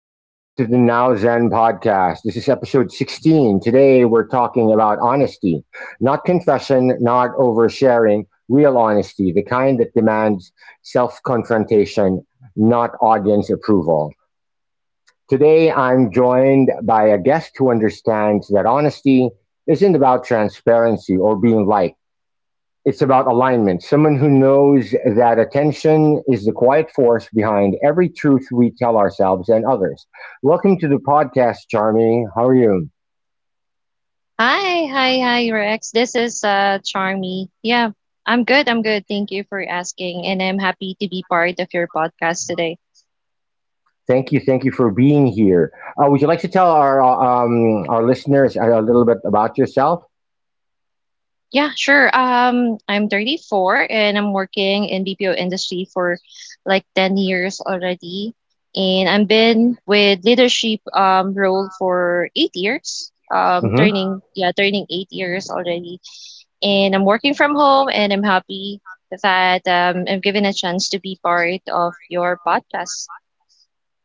Welcome back to the Now Zen podcast. This is episode 16. Today we're talking about honesty, not confession, not oversharing, real honesty, the kind that demands self confrontation, not audience approval. Today I'm joined by a guest who understands that honesty isn't about transparency or being liked. It's about alignment. Someone who knows that attention is the quiet force behind every truth we tell ourselves and others. Welcome to the podcast, Charmy. How are you? Hi, hi, hi, Rex. This is Charmy. Yeah, I'm good. I'm good. Thank you for asking, and I'm happy to be part of your podcast today. Thank you, thank you for being here. Would you like to tell our listeners a little bit about yourself? Yeah, sure. I'm 34 and I'm working in BPO industry for like 10 years already, and I've been with leadership role for 8 years. Um, Hmm. turning yeah, turning 8 years already, and I'm working from home, and I'm happy that I'm given a chance to be part of your podcast.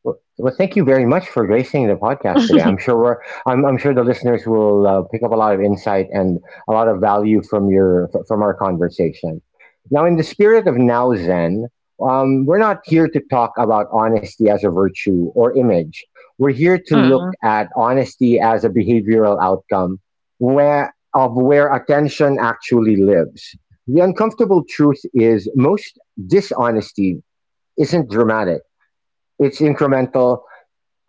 Well, thank you very much for gracing the podcast today. I'm sure the listeners will pick up a lot of insight and a lot of value from our conversation. Now, in the spirit of Now Zen, we're not here to talk about honesty as a virtue or image. We're here to look Mm, at honesty as a behavioral outcome, where attention actually lives. The uncomfortable truth is most dishonesty isn't dramatic. It's incremental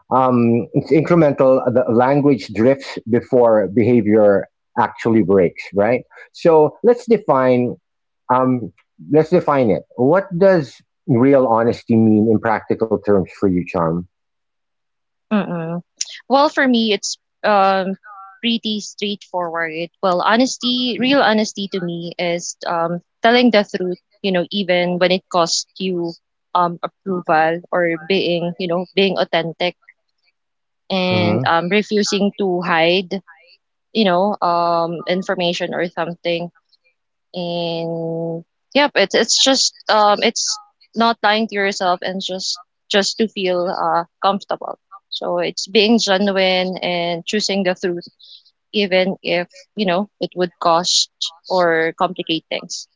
The language drifts before behavior actually breaks, right? So Um, let's define it. What does real honesty mean in practical terms for you, Charm? mm. Well, for me, it's pretty straightforward. Well, honesty, real honesty to me is telling the truth, you know, even when it costs you approval, or being authentic, Hmm. and refusing to hide, information or something. And yep, it's just it's not lying to yourself, and just to feel comfortable. So it's being genuine and choosing the truth, even if you know it would cost or complicate things.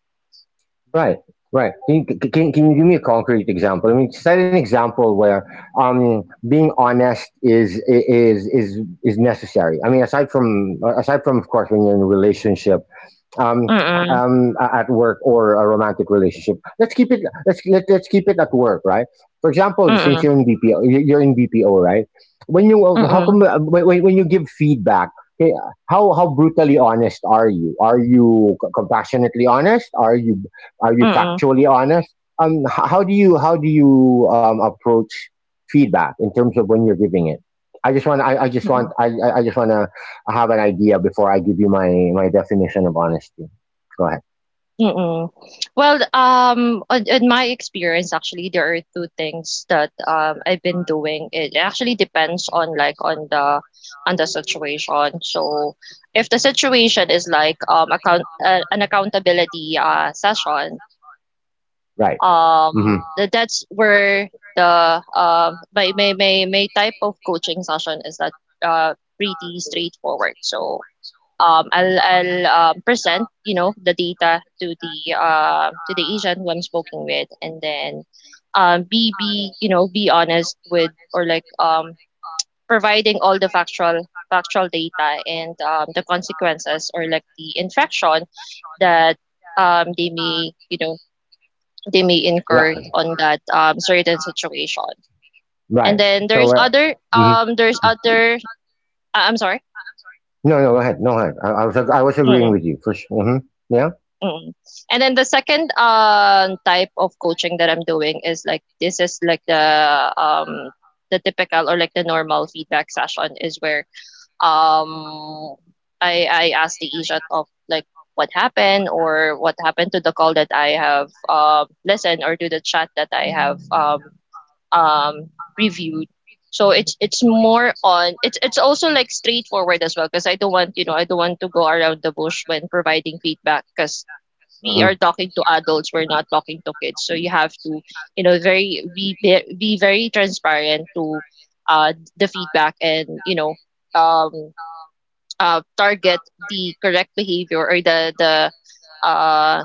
Right, right. Can you give me a concrete example? I mean, set an example where being honest is necessary. I mean, aside from of course when you're in a relationship, um, Mm, at work or a romantic relationship. Let's keep it at work, right? For example, since you're mm, in BPO, you're in BPO, right? When you mm, how mm, come when you give feedback, okay, how brutally honest are you? Are you compassionately honest? Are you mm, factually honest? How do you approach feedback in terms of when you're giving it? Mm, mm. I just want to I have an idea before I give you my definition of honesty. Go ahead. Mm. Well, in my experience, actually, there are two things that I've been doing. It actually depends on like on the situation. So, if the situation is like account an accountability session, Right. Mm-hmm. That's where the my type of coaching session is that pretty straightforward. So, I'll present the data to the agent who I'm speaking with, and then be you know be honest with, or like providing all the factual data and the consequences, or like the infraction that um, they may you know they may incur Right. on that certain situation. Right. And then So. Mhm. I'm sorry. No, no, go ahead. No, go ahead. I was agreeing with you for sure. Hmm. Yeah. when Mm. And then the second type of coaching that I'm doing is like the typical, or like the normal feedback session, is where um I ask the agent of like what happened, or what happened to the call that I have listened, or to the chat that I have um reviewed. So it's more on, it's also like straightforward as well, because I don't want to go around the bush when providing feedback, because we hmm are talking to adults, we're not talking to kids, so you have to very be very transparent to the feedback, and um target the correct behavior, or uh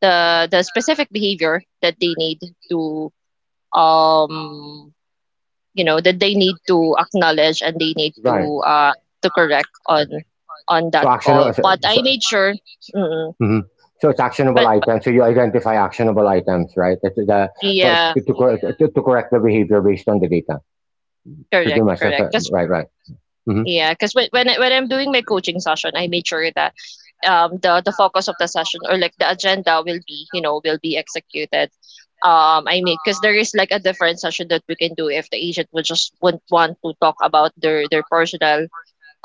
the specific behavior that they need to um you know that they need to acknowledge, and they need Right. To correct on So, that call. actionable. But so, I made sure. Mm. mhm. So it's actionable But items. So you identify actionable items, right? To, yeah, to, to correct the behavior based on the data. Pretty correct, much. That's correct, right. because Right. Right. Mhm. yeah, because when I'm doing my coaching session, I made sure that the focus of the session, or like the agenda, will be executed. I mean, because there is like a different session that we can do if the agent would just would want to talk about their personal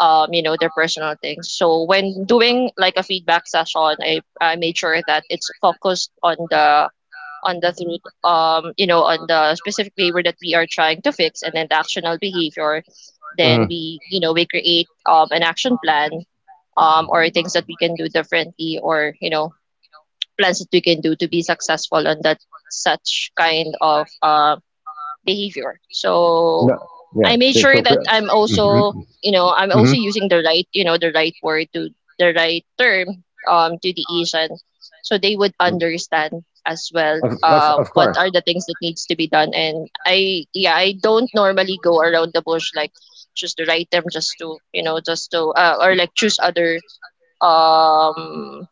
their personal things. So when doing like a feedback session, I made sure that it's focused on the through you know on the specific behavior that we are trying to fix, and then the actional behavior. Then Mhm. we you know we create an action plan, or things that we can do differently, or plans that we can do to be successful on that such kind of behavior. So, So I made So sure so that Mhm, I'm mhm. also using the right, the right word to the right term, to the Asian, so they would Mm. understand as well Understand. What Of are the things that needs to be done. And I don't normally go around the bush, like choose the right term just to, or like choose other um,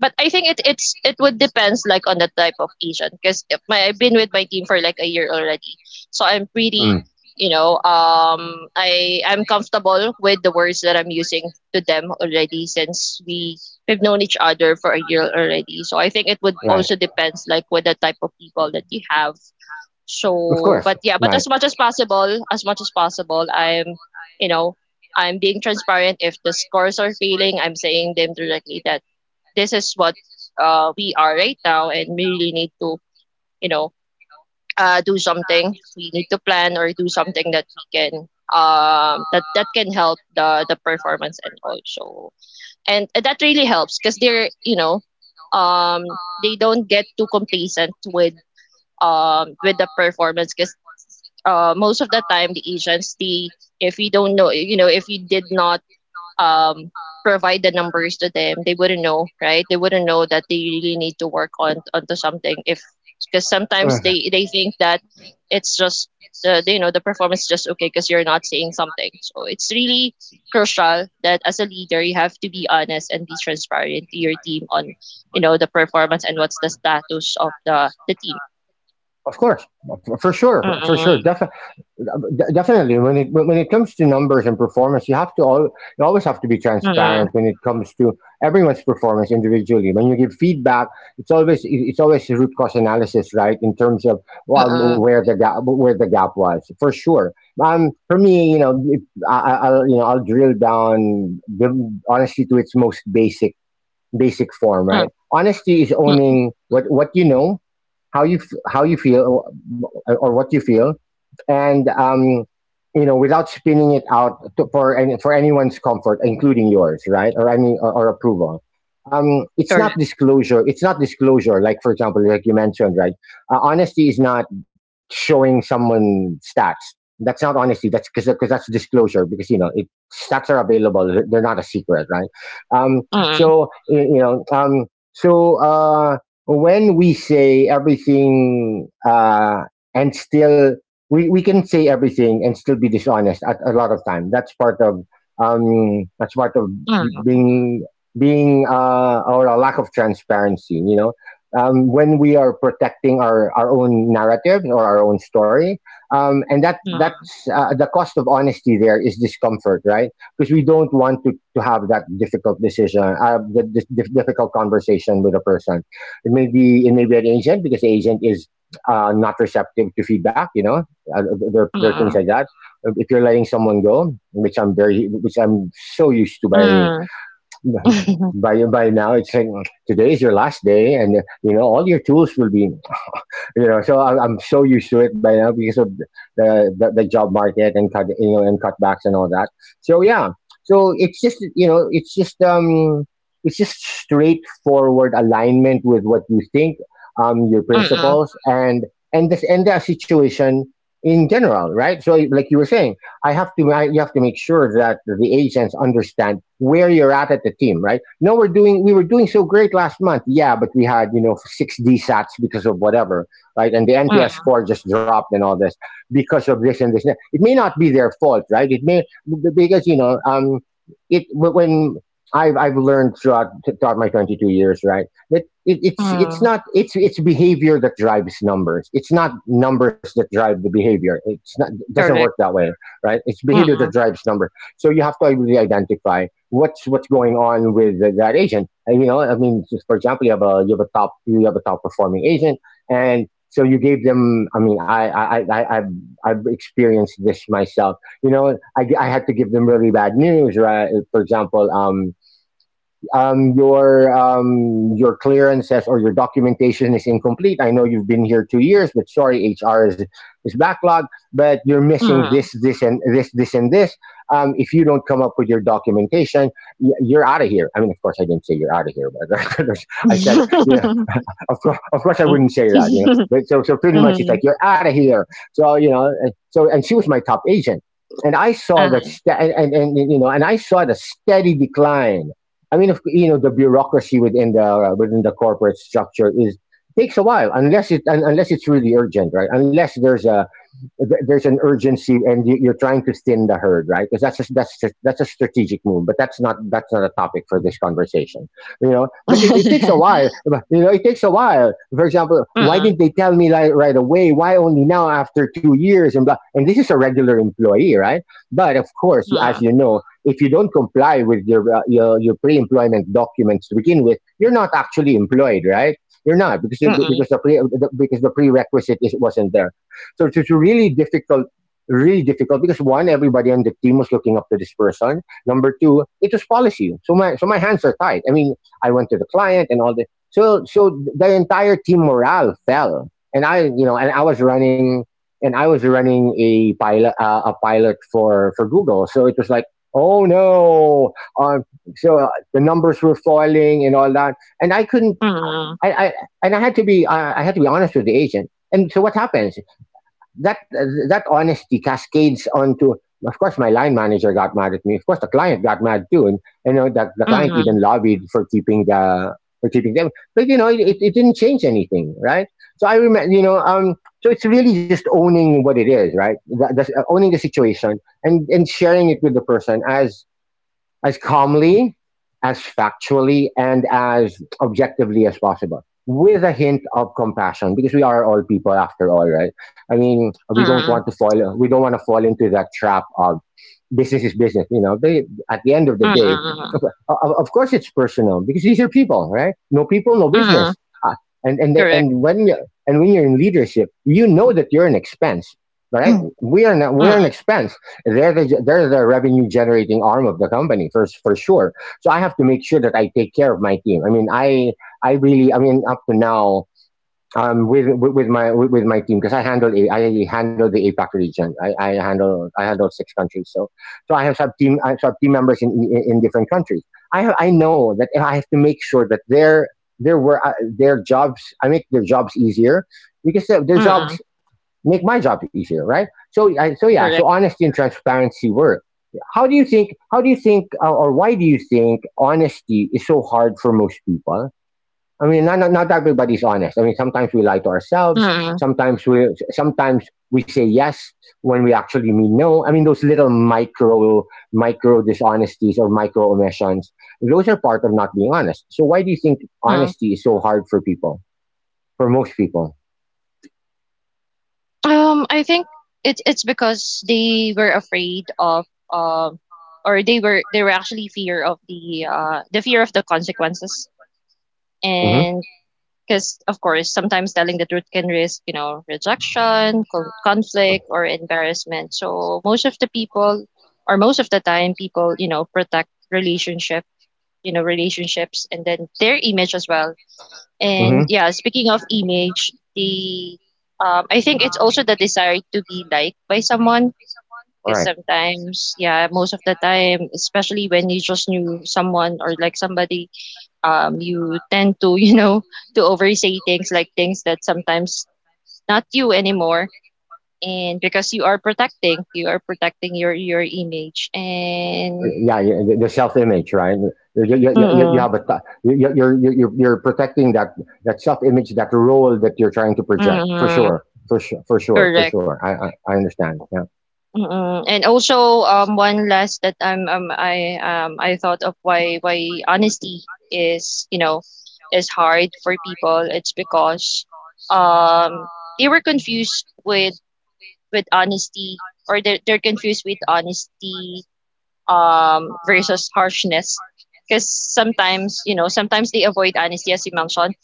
but I think it would depends like on the type of Asian, because my I've been with my team for like a year already, so I'm Mm. pretty I'm comfortable with the words that I'm using to them already, since we've known each other for a year already. So I think it would also depends like with the type of people that you have. Of. So, but yeah, but Right. as much as possible, as much as possible, you know, I'm being transparent. If the scores are failing, I'm saying them directly that this is what we are right now, and we really need to, you know, do something. We need to plan or do something that we can that that can help the performance. And also. And that really helps, because they're you know um they don't get too complacent with the performance, because most of the time the agency, if you don't know, if you did not um, provide the numbers to them, they wouldn't know, right? They wouldn't know that they really need to work on onto something if, because sometimes they think that it's just the you know the performance is just okay, because you're not saying something. So it's really crucial that as a leader, you have to be honest and be transparent to your team on the performance, and what's the status of the team. Of course. For sure. For sure. Mm-mm, Definitely, when it comes to numbers and performance, you always have to be mm-mm, transparent when it comes to everyone's performance individually when you give feedback. It's always a root cause analysis, right, in terms of mm-mm, where the gap was, for sure. For me, you know, if, I'll you know I'll drill down honesty to its most basic form, mm-mm. right? Honesty is owning what you know, how you how you feel, or what you feel, and without spinning it out for anyone's comfort, including yours, right, or approval. It's not Jordan. disclosure. It's not disclosure. Like, for example, like you mentioned, right? Honesty is not showing someone stats. That's not honesty. That's because that's disclosure. Because stats are available. They're not a secret, right? Um, Mm, so y- you know, um, so uh, when we say everything, and still, we can say everything and still be dishonest at a lot of time. That's part of mm, being being or a lack of transparency. When we are protecting our own narrative or our own story, and that mm, that's the cost of honesty. There is discomfort, right? Because we don't want to have that difficult decision, the difficult conversation with a person. It may be an agent because the agent is not receptive to feedback, uh, there are things mm, like that. If you're letting someone go, which which I'm so used to by mm, mm, by by now, it's like, today is your last day, and you know all your tools will be, so I'm so used to it by now, because of the job market and and cutbacks and all that. So yeah, so it's just you know, it's just straightforward alignment with what you think, your mm, principles, and this and that situation in general, right? So like you were saying, I have to I, you have to make sure that the agents understand where you're at the team, right? No, we were doing so great last month, yeah, but we had six D DSATs because of whatever, right? And the NPS mm, score just dropped and all this because of this and this. It may not be their fault, right? It may because you know, it when I've learned throughout my 22 years, right? That it's mm. not, it's behavior that drives numbers. It's not numbers that drive the behavior. It doesn't work Jordan. that way, right? It's behavior that Mm, drives number. So you have to really identify what's going on with that agent. And I mean, for example, you have a top performing agent, and so you gave them, I mean, I've experienced this myself. You know, I had to give them really bad news, right? For example, your clearances or your documentation is incomplete. I know you've been here 2 years, but sorry, HR is backlogged, but you're missing mm. this and this and this. If you don't come up with your documentation, you're out of here. I mean, of course, I didn't say you're out of here, but I said, of course, I wouldn't say that. But so pretty much it's Mm, like you're out of here. So and she was my top agent, and I saw that, uh-huh. st- and you know, and I saw the steady decline. I mean, if, the bureaucracy within the corporate structure is, takes a while, unless it's really urgent, right? Unless there's an urgency and are trying to thin the herd, right? Because that's a strategic move, but that's not a topic for this conversation. But it takes a while. It takes a while. For example, why Mm, didn't they tell me, like, right away, why only now after 2 years and blah, and this is a regular employee, right? But of course, as mm, you know, if you don't comply with your pre-employment documents to begin with, you're not actually employed, right? You're not, because mm, because the pre, the prerequisite wasn't there. So it's really difficult, really difficult, because one, everybody on the team was looking up to this person. Number two, it was policy. So my hands are tied. I mean, I went to the client, and all the so so the entire team morale fell. And I was running, a pilot for Google. So it was like, oh no, uh, so the numbers were falling and all that, and I couldn't. mm, I, I I had to be I had to be honest with the agent. And so what happens? that that honesty cascades onto. Of course my line manager got mad at me, of course the client got mad too, and you know that the client mm, even lobbied for keeping the, for keeping them. But you know, it didn't change anything, right? So I remember. So it's really just owning what it is, right? The owning the situation, and sharing it with the person as calmly, as factually, and as objectively as possible, with a hint of compassion, because we are all people after all, right? I mean, mm, we don't want to fall into that trap of business is business, you know. They, at the end of the day, mm, of, of course, it's personal, because these are people, right? No people, no mm. business. uh, and and they, Jordan. and when you and when you're in leadership, you know that you're an expense, right? Mm, We are not, we're an expense. They're the revenue generating arm of the company, for sure. So I have to make sure that I take care of my team. I mean, I really. I mean, up to now, with my team. Because I handle the APAC region. I handle six countries. So I have sub team members in different countries. I know that I have to make sure that their were their jobs, I make their jobs easier, because their jobs mm, make my job easier, right? So, so yeah, so Jordan. honesty and transparency work. How do you think? Or why do you think honesty is so hard for most people? I mean, not, not everybody's honest. I mean, sometimes we lie to ourselves. Mm, Sometimes we, sometimes we say yes when we actually mean no. I mean, those little micro, dishonesties, or micro omissions. Those are part of not being honest. So, why do you think mm. honesty is so hard for people, for most people? I think it's because they were afraid of, um, or they were actually fear of the fear of the consequences, Mm-hmm. and because of course sometimes telling the truth can risk, rejection, conflict, or embarrassment. So most of the people, or most of the time, people protect relationships, and then their image as well. And Mm-hmm. yeah, speaking of image, the I think it's also the desire to be liked by someone. All Because right. sometimes, yeah, most of the time, especially when you just knew someone or like somebody, you tend to to oversay things, like things that sometimes not you anymore. And because you are protecting your image, and. Yeah, yeah, the self-image, right? You Mm-mm, have a t- you- are you're protecting that, that self-image, that role that you're trying to project, for mm-mm, sure, for sure, for sure, for correct. sure. I understand. Yeah, Mm, and also, one last that I thought of, why honesty is, is hard for people. It's because um they were confused with, honesty, or they're confused with honesty, versus harshness. Because sometimes they avoid honesty, as you mentioned.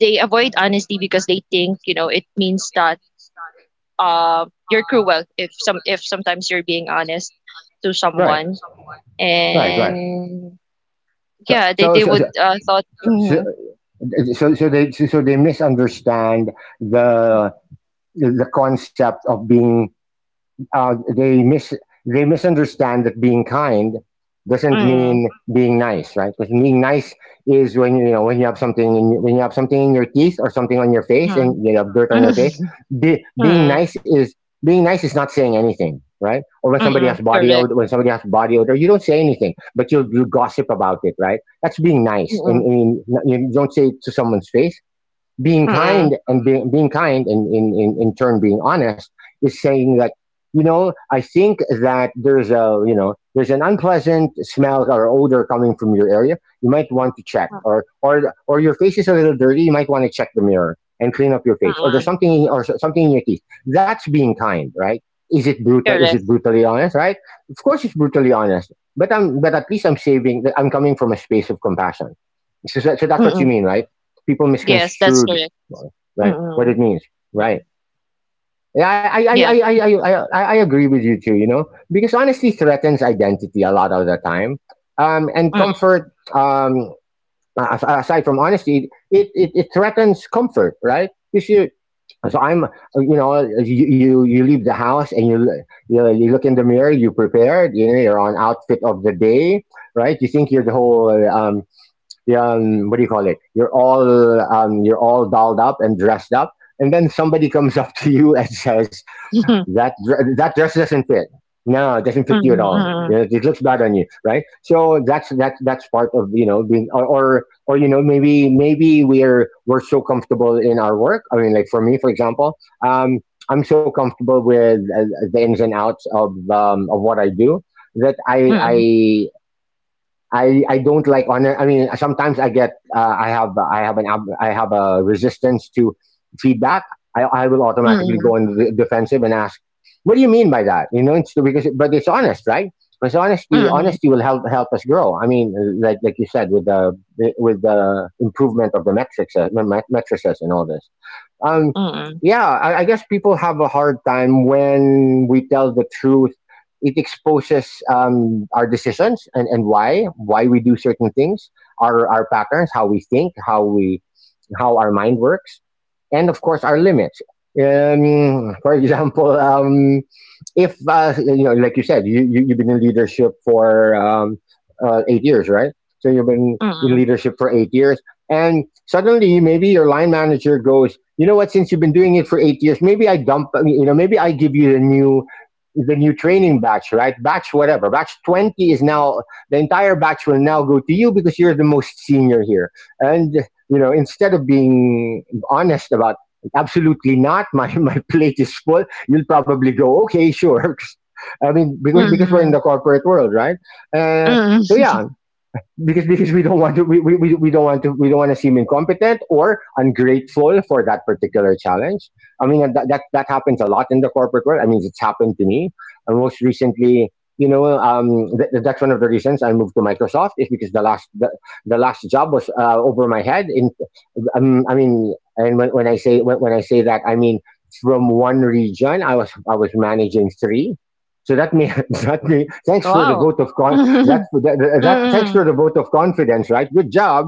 They avoid honesty because they think, it means that, you're cruel if some if sometimes you're being honest to right, someone. right, right. And So, yeah, they so, they so, would so, thought. Mm, so, so, they, so so they misunderstand the the concept of being uh, they mis they misunderstand that being kind doesn't mm, mean being nice, right? Because being nice is when you have something in your teeth, or something on your face, and mm, you have dirt on your mm face. Be, mm, being nice is not saying anything, right? Or when somebody mm, has body correct, odor, you don't say anything, but you gossip about it, right? That's being nice. And mm, and you don't say it to someone's face. Mm, Being kind and in turn being honest is saying that, I think that there's, a you know there's an unpleasant smell or odor coming from your area, you might want to check. Or, or your face is a little dirty, you might want to check the mirror and clean up your face, or there's mm, something, or something in your teeth. That's being kind, right? is it brutal is correct, it brutally honest? Right? Of course it's brutally honest, but I'm but at least, I'm coming from a space of compassion. So, so that's what you mm, mean, right? People yes, that's misconstrued, correct, right, what mm, it means, mm, right? Yeah, I, I i yeah, i i i i I agree with you too, you know. Because honesty threatens identity a lot of the time, and mm, comfort. Aside from honesty, it, it threatens comfort, right? Because so i'm you leave the house, and you, you you look in the mirror. You prepared, you're on outfit of the day, right? You think you're the whole, yeah, what do you call it? You're all dolled up and dressed up, and then somebody comes up to you and says, mm, that dress doesn't fit. No, it doesn't fit you at all. mm, You know, it looks bad on you, right? So that's part of, you know, being. Or, you know, maybe, we're so comfortable in our work. I mean, like for me, for example, um, I'm so comfortable with, the ins and outs of, what I do, that I mm, I I, I don't like honor. I mean, sometimes I get, I have an ab- I have a resistance to feedback. I will automatically mm, go in the defensive and ask, "What do you mean by that?" You know, it's because but it's honest, right? Because mm, honesty will help us grow. I mean, like you said, with the, improvement of the metrics, and all this. um, mm, yeah, I guess people have a hard time when we tell the truth. It exposes, our decisions, and, why we do certain things, our, patterns, how we think, how we how our mind works, and of course our limits. For example, if, you know, like you said, you've been in leadership for, 8 years, right? So you've been in mm, leadership for 8 years, and suddenly, maybe your line manager goes, you know what? Since you've been doing it for 8 years, maybe I dump. You know, maybe I give you the new, training batch, right? Batch whatever. Batch 20 is now, the entire batch will now go to you because you're the most senior here. And, you know, instead of being honest about absolutely not, my plate is full. You'll probably go, okay, sure. I mean, because, we're in mm, the corporate world, right? Uh, mm, so yeah, because, we don't want to seem incompetent or ungrateful for that particular challenge. I mean that happens a lot in the corporate world. I mean, it's happened to me. And most recently, you know, that's one of the reasons I moved to Microsoft, is because the last, the last job was, over my head. In, I mean, and when I say that, I mean, from one region I was, managing three. So that may, that may, thanks for the wow, vote of con-, mm, that, thanks mm, sort the vote of confidence, right? Good job,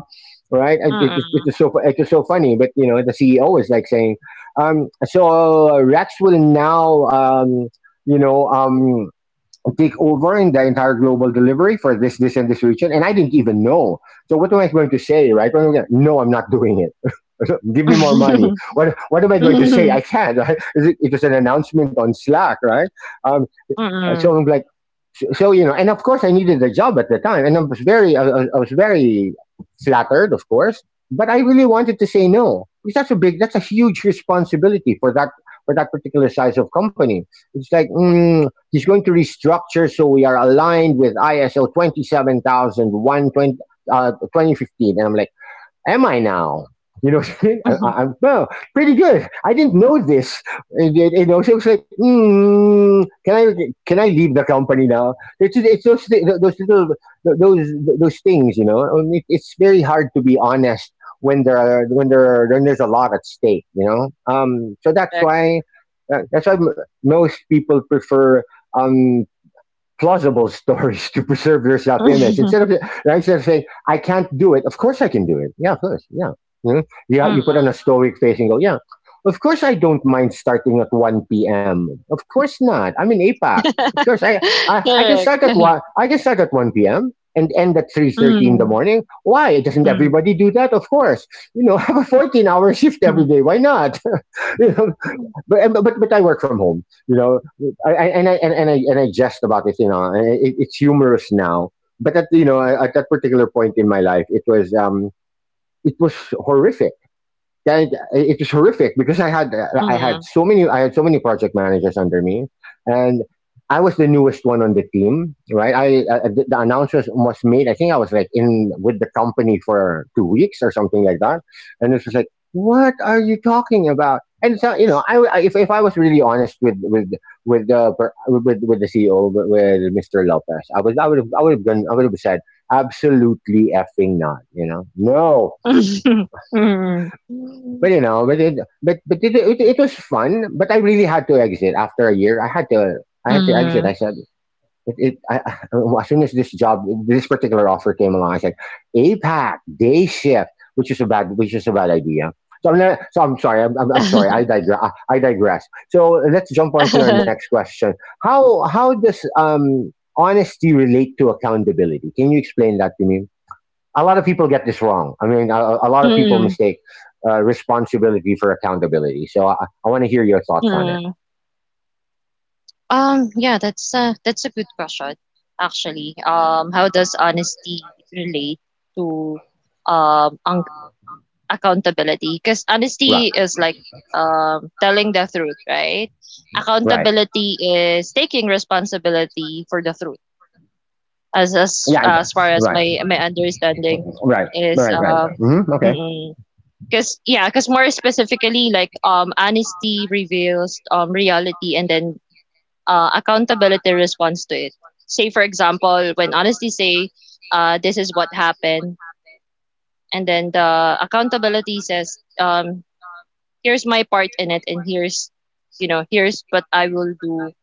right? It, it, it mm, is so it is so funny, but you know the CEO is like saying, Rex will now, you know, um, take over in the entire global delivery for this region, and I didn't even know. So what am I going to say, right? What am I gonna- No, I'm not doing it. Give me more money. What am I going to say? I Mhm. can't. Right? It was an announcement on Slack, right? Um, Mm. so I'm like, so, you know, and of course, I needed a job at the time, and I was very, I was very flattered, of course, but I really wanted to say no, because that's a big, that's a huge responsibility, for that, particular size of company. It's like, he's going to restructure, so we are aligned with ISO 27001, 2015, and I'm like, am I now? You know, Mhm. Am, well, pretty good. I didn't know this. And, you know, so it's like, can I, leave the company now? It's those, thi- those little those those things, you know. I mean, it's very hard to be honest when there are, when there's a lot at stake, you know. So that's Correct. why, most people prefer, um plausible stories to preserve your self image. Mhm. Instead of, saying, I can't do it, of course I can do it. Yeah, of course. Yeah. You know? You, put on a Mm. stoic face and go, yeah, of course I don't mind starting at 1 p.m. Of course not. I'm in APAC. Of course, I can Correct. start at 1, I can start at 1 p.m. and end at 3:30 in the Mm. morning. Why? Doesn't Mm. everybody do that... Of course. You know, have a 14-hour shift Mm. every day. Why not? you know, but I work from home, you know. I and I and I jest about it, you know. And It, it's humorous now, but at you know at that particular point in my life, it was horrific that it was horrific because I had Mm. so many I had so many project managers under me, and I was the newest one on the team. Right, I the announcement was made. I think I was like in with the company for 2 weeks or something like that, and it was like, what are you talking about? And so you know, I if I was really honest with the per- with the CEO with Mr. Lopez, I would have gone I would have said absolutely effing not. You know, no, Mm. but it was fun. But I really had to exit after a year. I had to exit. I Mm. said as soon as this particular offer came along, I said APAC day shift, which is a bad idea. So I'm not, so I'm sorry. I'm sorry. I digress. So let's jump on to our next question. How does honesty relate to accountability? Can you explain that to me? A lot of people get this wrong. I mean, a lot of people Mm. mistake responsibility for accountability. So I want to hear your thoughts on it. Mm. Yeah, that's a good question, actually. How does honesty relate to um accountability, because Right, honesty is like telling the truth, right? right, Accountability is taking responsibility for the truth, as far as right. my understanding is. Hmm. Okay. Because yeah, because more specifically like, honesty reveals reality, and then, accountability responds to it. Say for example, when honesty say, this is what happened, and then the accountability says, here's my part in it, and here's you know here's what I will do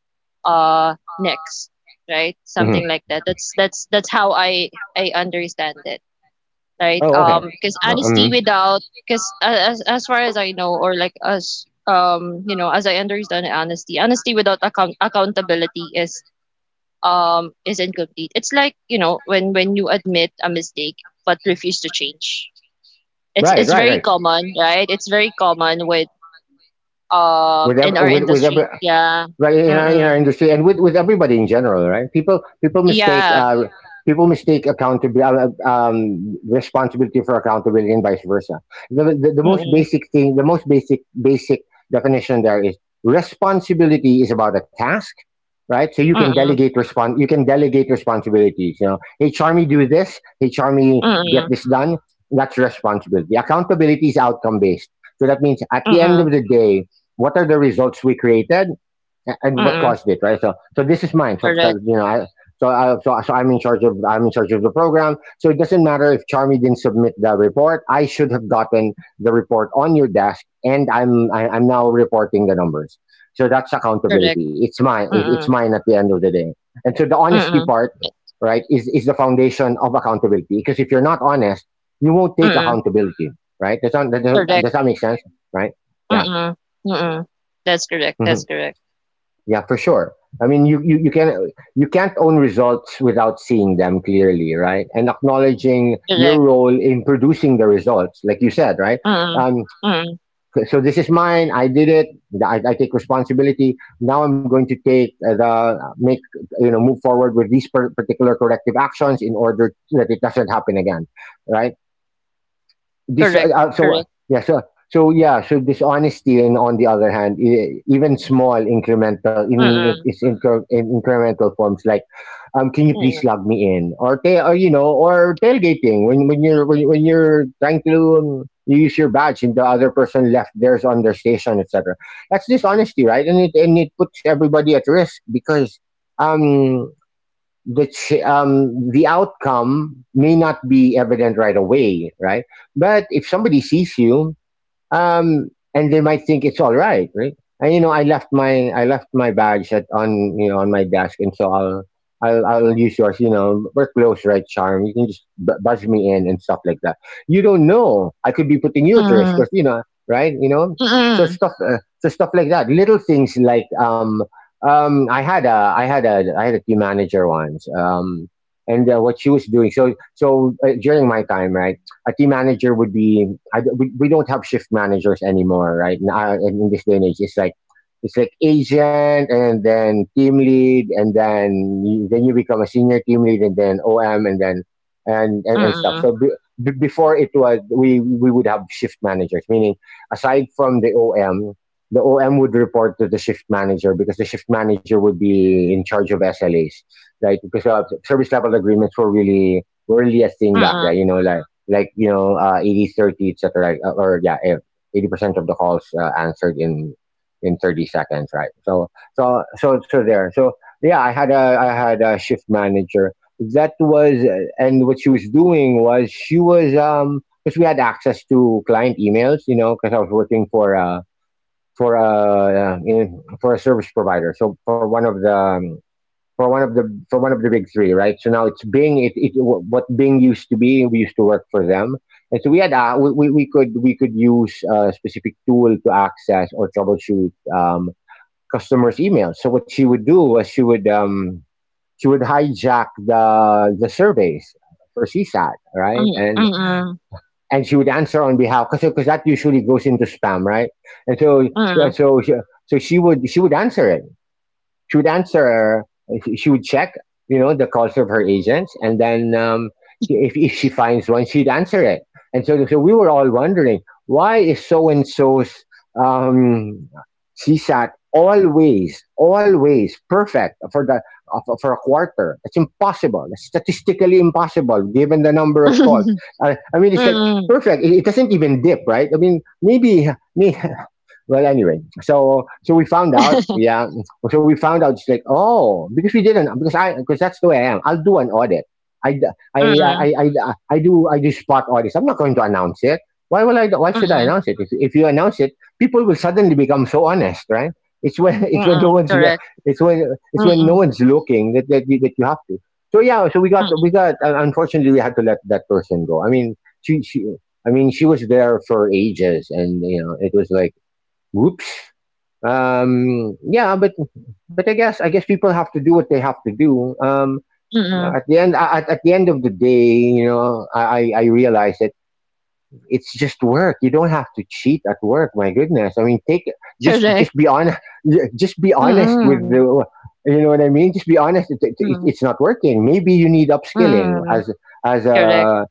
next, right? Hmm. Something like that. That's how I understand it, right? Oh, okay. Because honesty Mhm. without, because as far as I know, or like as you know as I understand, honesty, honesty without accountability is incomplete. It's like when you admit a mistake but refuse to change. it's Right, it's right, very right. common, right? It's very common with, with ev- in our with every, industry. Yeah. right, in in our Mm-mm. industry, and with everybody in general, right. People mistake Yeah. People mistake accountability responsibility for accountability and vice versa. The most Mm-mm. basic thing the most basic basic definition there is: responsibility is about a task, right? So you can Mm-mm. delegate responsibilities you know, hey Charmy, do this. Hey Charmy, get Mm-mm. this done. That's responsibility. Accountability is outcome based. So that means at the end Mm-mm. of the day, what are the results we created, and what Mm-mm. caused it, right? So this is mine. So, so, Correct. you know, I, so, so I'm in charge of the program. So it doesn't matter if Charmy didn't submit the report. I should have gotten the report on your desk, and I'm now reporting the numbers. So that's Correct. accountability. It's mine. It's Mm-mm. mine at the end of the day. And so the honesty Mm-mm. part, right, is the foundation of accountability. Because if you're not honest, you won't take Mm-mm. accountability, right? Does that, Correct. does that, make sense? Right? Yeah. Mm-mm. Mm-mm. That's correct. That's Mhm. correct. Yeah, for sure. I mean, you can you can't own results without seeing them clearly, right? And acknowledging your Correct. role in producing the results, like you said, right? Mm-mm. Um, Mm-mm. so this is mine. I did it. I take responsibility. Now I'm going to take the make you know move forward with these particular corrective actions in order that it doesn't happen again, right? this Correct. So Correct. yeah So dishonesty, and on the other hand, even small incremental in Mm-mm. it's incre- in incremental forms, like, can you please Mm-mm. log me in, or tailgating when you're trying to, you use your badge and the other person left theirs on their station, etc. That's dishonesty, right, and it puts everybody at risk, because um which the outcome may not be evident right away, right? But if somebody sees you, um, and they might think it's all right, right? And you know, I left my bags at on you know on my desk, and so I'll use yours. You know, we're close, right, Charm? You can just buzz me in and stuff like that. You don't know. I could be putting you at risk, Mm-mm. because you know, right? You know, so Mm-mm. stuff uh, so stuff like that. Little things like, I had a team manager once. And what she was doing, during my time, right? A team manager would be— we don't have shift managers anymore. Right now, in this day and age, it's like, it's like agent, and then team lead, and then then you become a senior team lead, and then om, and then and stuff, Mm-mm. so before, it was we would have shift managers, meaning, aside from the om would report to the shift manager, because the shift manager would be in charge of SLAs, right, because service level agreements were really a thing back then, Mm-mm. you know, like 80 30, etc., or yeah, 80% of the calls, answered in 30 seconds, right. so so so so there so yeah, I had a shift manager that was, and what she was doing was she was, because we had access to client emails, you know, because I was working for, for a, for a service provider, so for one of the, for one of the for one of the big three, right? So now it's Bing. It what Bing used to be. We used to work for them, and so we had, we could use a specific tool to access or troubleshoot, customers' emails. So what she would do was, she would hijack the surveys for CSAT, right? And Mm-mm. She would answer on behalf, because that usually goes into spam, right? And so, yeah, Mm-mm. She would answer it, she would answer, she would check, you know, the calls of her agents, and then, if she finds one, she'd answer it. And so we were all wondering, why is so and so's, um, C sat always, always perfect for the, for a quarter? It's impossible. It's statistically impossible given the number of calls. I mean, it's like Mm-mm. perfect. It doesn't even dip, right? I mean, maybe, may- well, anyway, so we found out, yeah. So we found out, it's like, oh, because we didn't, because I, because that's the way I am. I'll do an audit. I, d- Mm-mm. I do spot audits. I'm not going to announce it. Why will I? Why should I Mm-mm. announce it? If you announce it, people will suddenly become so honest, right? It's when Mm-mm. Correct. it's when it's when no Mm-mm. one's looking, that you have to. So yeah, so we Mm-mm. got. Unfortunately, we had to let that person go. I mean, she. I mean, she was there for ages, and you know, it was like, whoops. Yeah, but I guess people have to do what they have to do. Um, Mm-mm. at the end, at, at the end of the day, you know, I realize that it's just work. You don't have to cheat at work. My goodness. I mean, take Correct. just be honest. Just be honest with Mm, the. You know what I mean? Just be honest. It, it, mm, it's not working. Maybe you need upskilling mm, as correct. a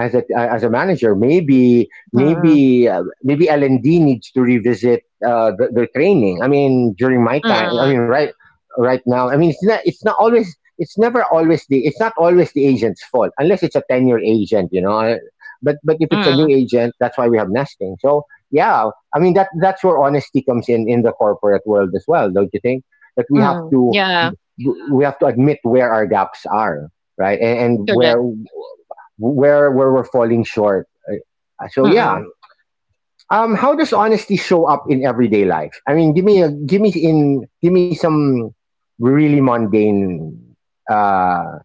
as a manager. Mm, Maybe L&D needs to revisit, their training. I mean, during my time, I mm, mean, right now, I mean, it's not always the agent's fault, unless it's a tenure agent. You know, but if it's a new mm, agent, that's why we have nesting. So yeah, I mean, that's where honesty comes in the corporate world as well, don't you think? That we have mm, to yeah, admit where our gaps are, right? And, and correct. where where where we're falling short. So yeah, Mm. How does honesty show up in everyday life? I mean, give me a, give me some really mundane, uh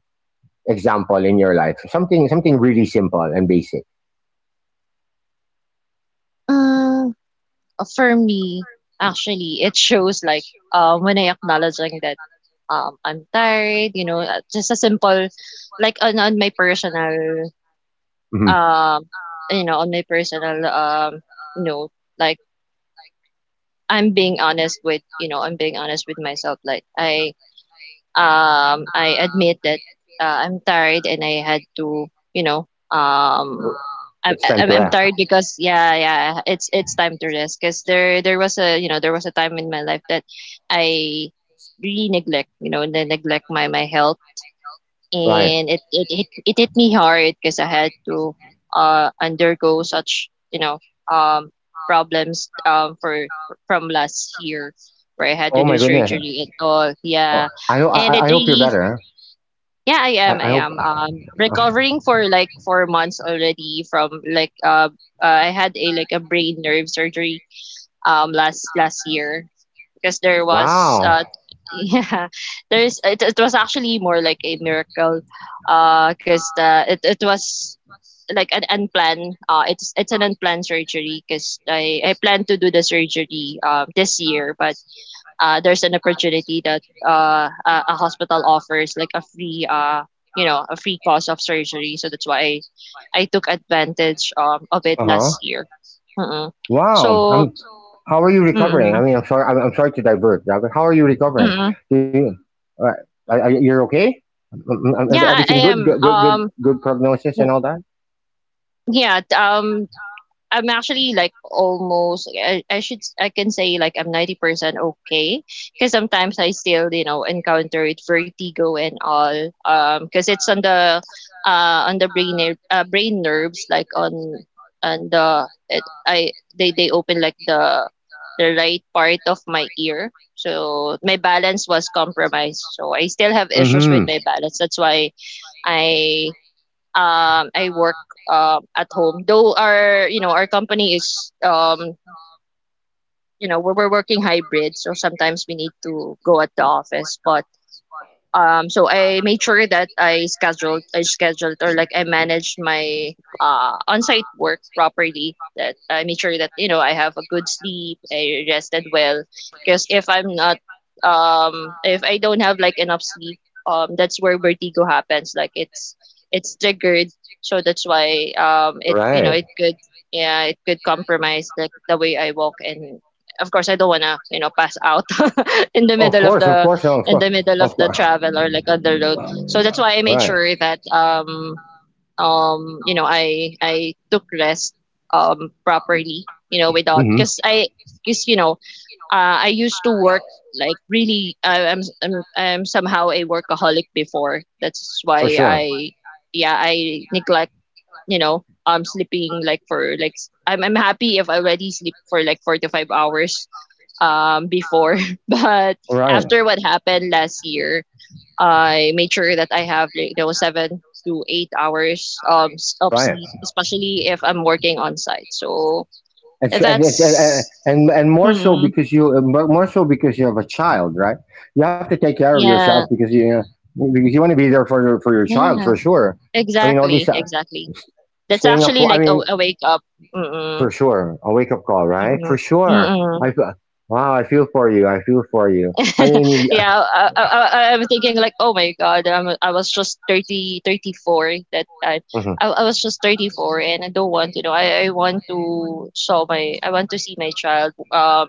example in your life, something, really simple and basic. Mm, for me, actually, it shows like when I acknowledging that I'm tired, you know, just a simple like on my personal Mm-hmm. um on my personal you know, like I'm being honest with, you know, I'm being honest with myself like I admit that I'm tired and I had to, you know, I'm, It's sent I'm I'm direct, tired because yeah, it's time to rest because there was a there was a time in my life that I really neglect, you know, and then neglect my health, right? and it hit me hard because I had to undergo such, you know, problems for from last year where I had to Oh do my goodness! surgery and all. Oh, Yeah, I hope, and it I hope you're really better. Huh? yeah, I am. I I hope. am. Recovering for like 4 months already from like I had a like a brain nerve surgery last year because there was Wow. Yeah, it was actually more like a miracle because it was like an unplanned uh, it's an unplanned surgery because I planned to do the surgery this year, but there's an opportunity that a hospital offers like a free, a free cost of surgery, so that's why I took advantage, of it Uh huh. last year. mm Wow. so I'm. How are you recovering? I mm-mm, mean, I'm sorry. I'm sorry to divert, but how are you recovering? mm-mm. Do you, uh, are, are okay? Yeah, everything I good? am, Good, good, good, good prognosis mm, and all that. yeah. I'm actually like almost I can say like I'm 90% okay because sometimes I still, you know, encountered vertigo and all, because it's on the brain nerves like on the it, I they open like the right part of my ear, so my balance was compromised, so I still have issues Mm-hmm. with my balance. That's why I, I work at home. Though our, you know, our company is, we're working hybrid, so sometimes we need to go at the office. But so I made sure that I scheduled or like I managed my on-site work properly, that I made sure that, you know, I have a good sleep, I rested well, because if I'm not, if I don't have like enough sleep, that's where vertigo happens, like it's triggered. So that's why, it, you know, Right. it could yeah, it could compromise like the way I walk, and of course I don't want to, you know, pass out in the middle of Of the course, no, of in course, the middle of of the course. travel or like on the road. So that's why I made Right. sure that you know, I took rest properly, you know, without Mm-hmm. cuz I cuz you know, I used to work like really, I, I'm somehow a workaholic before. That's For why sure. I yeah, I neglect, you know, sleeping like for I'm happy if I already sleep for like 4 to 5 hours, before but Right. after what happened last year, I made sure that I have like, you know, 7 to 8 hours of Right. sleep, especially if I'm working on site. So And, so, and, it's- that's and more so mm, because you, more so because you have a child, right? You have to take care of yourself, yeah because you know, because you want to be there for for your child yeah, for sure. I mean, all these, exactly exactly, that's staying up, actually I like mean, a wake up mm-mm, for sure. A wake up call, right, mm-mm, for sure. mm-mm. i f- wow, I feel for you. I mean, yeah. Yeah, I am thinking like, oh my God, I was just 30 34 that time. Mhm. I was just 34, and I don't want, you know, I want to show my, I want to see my child, um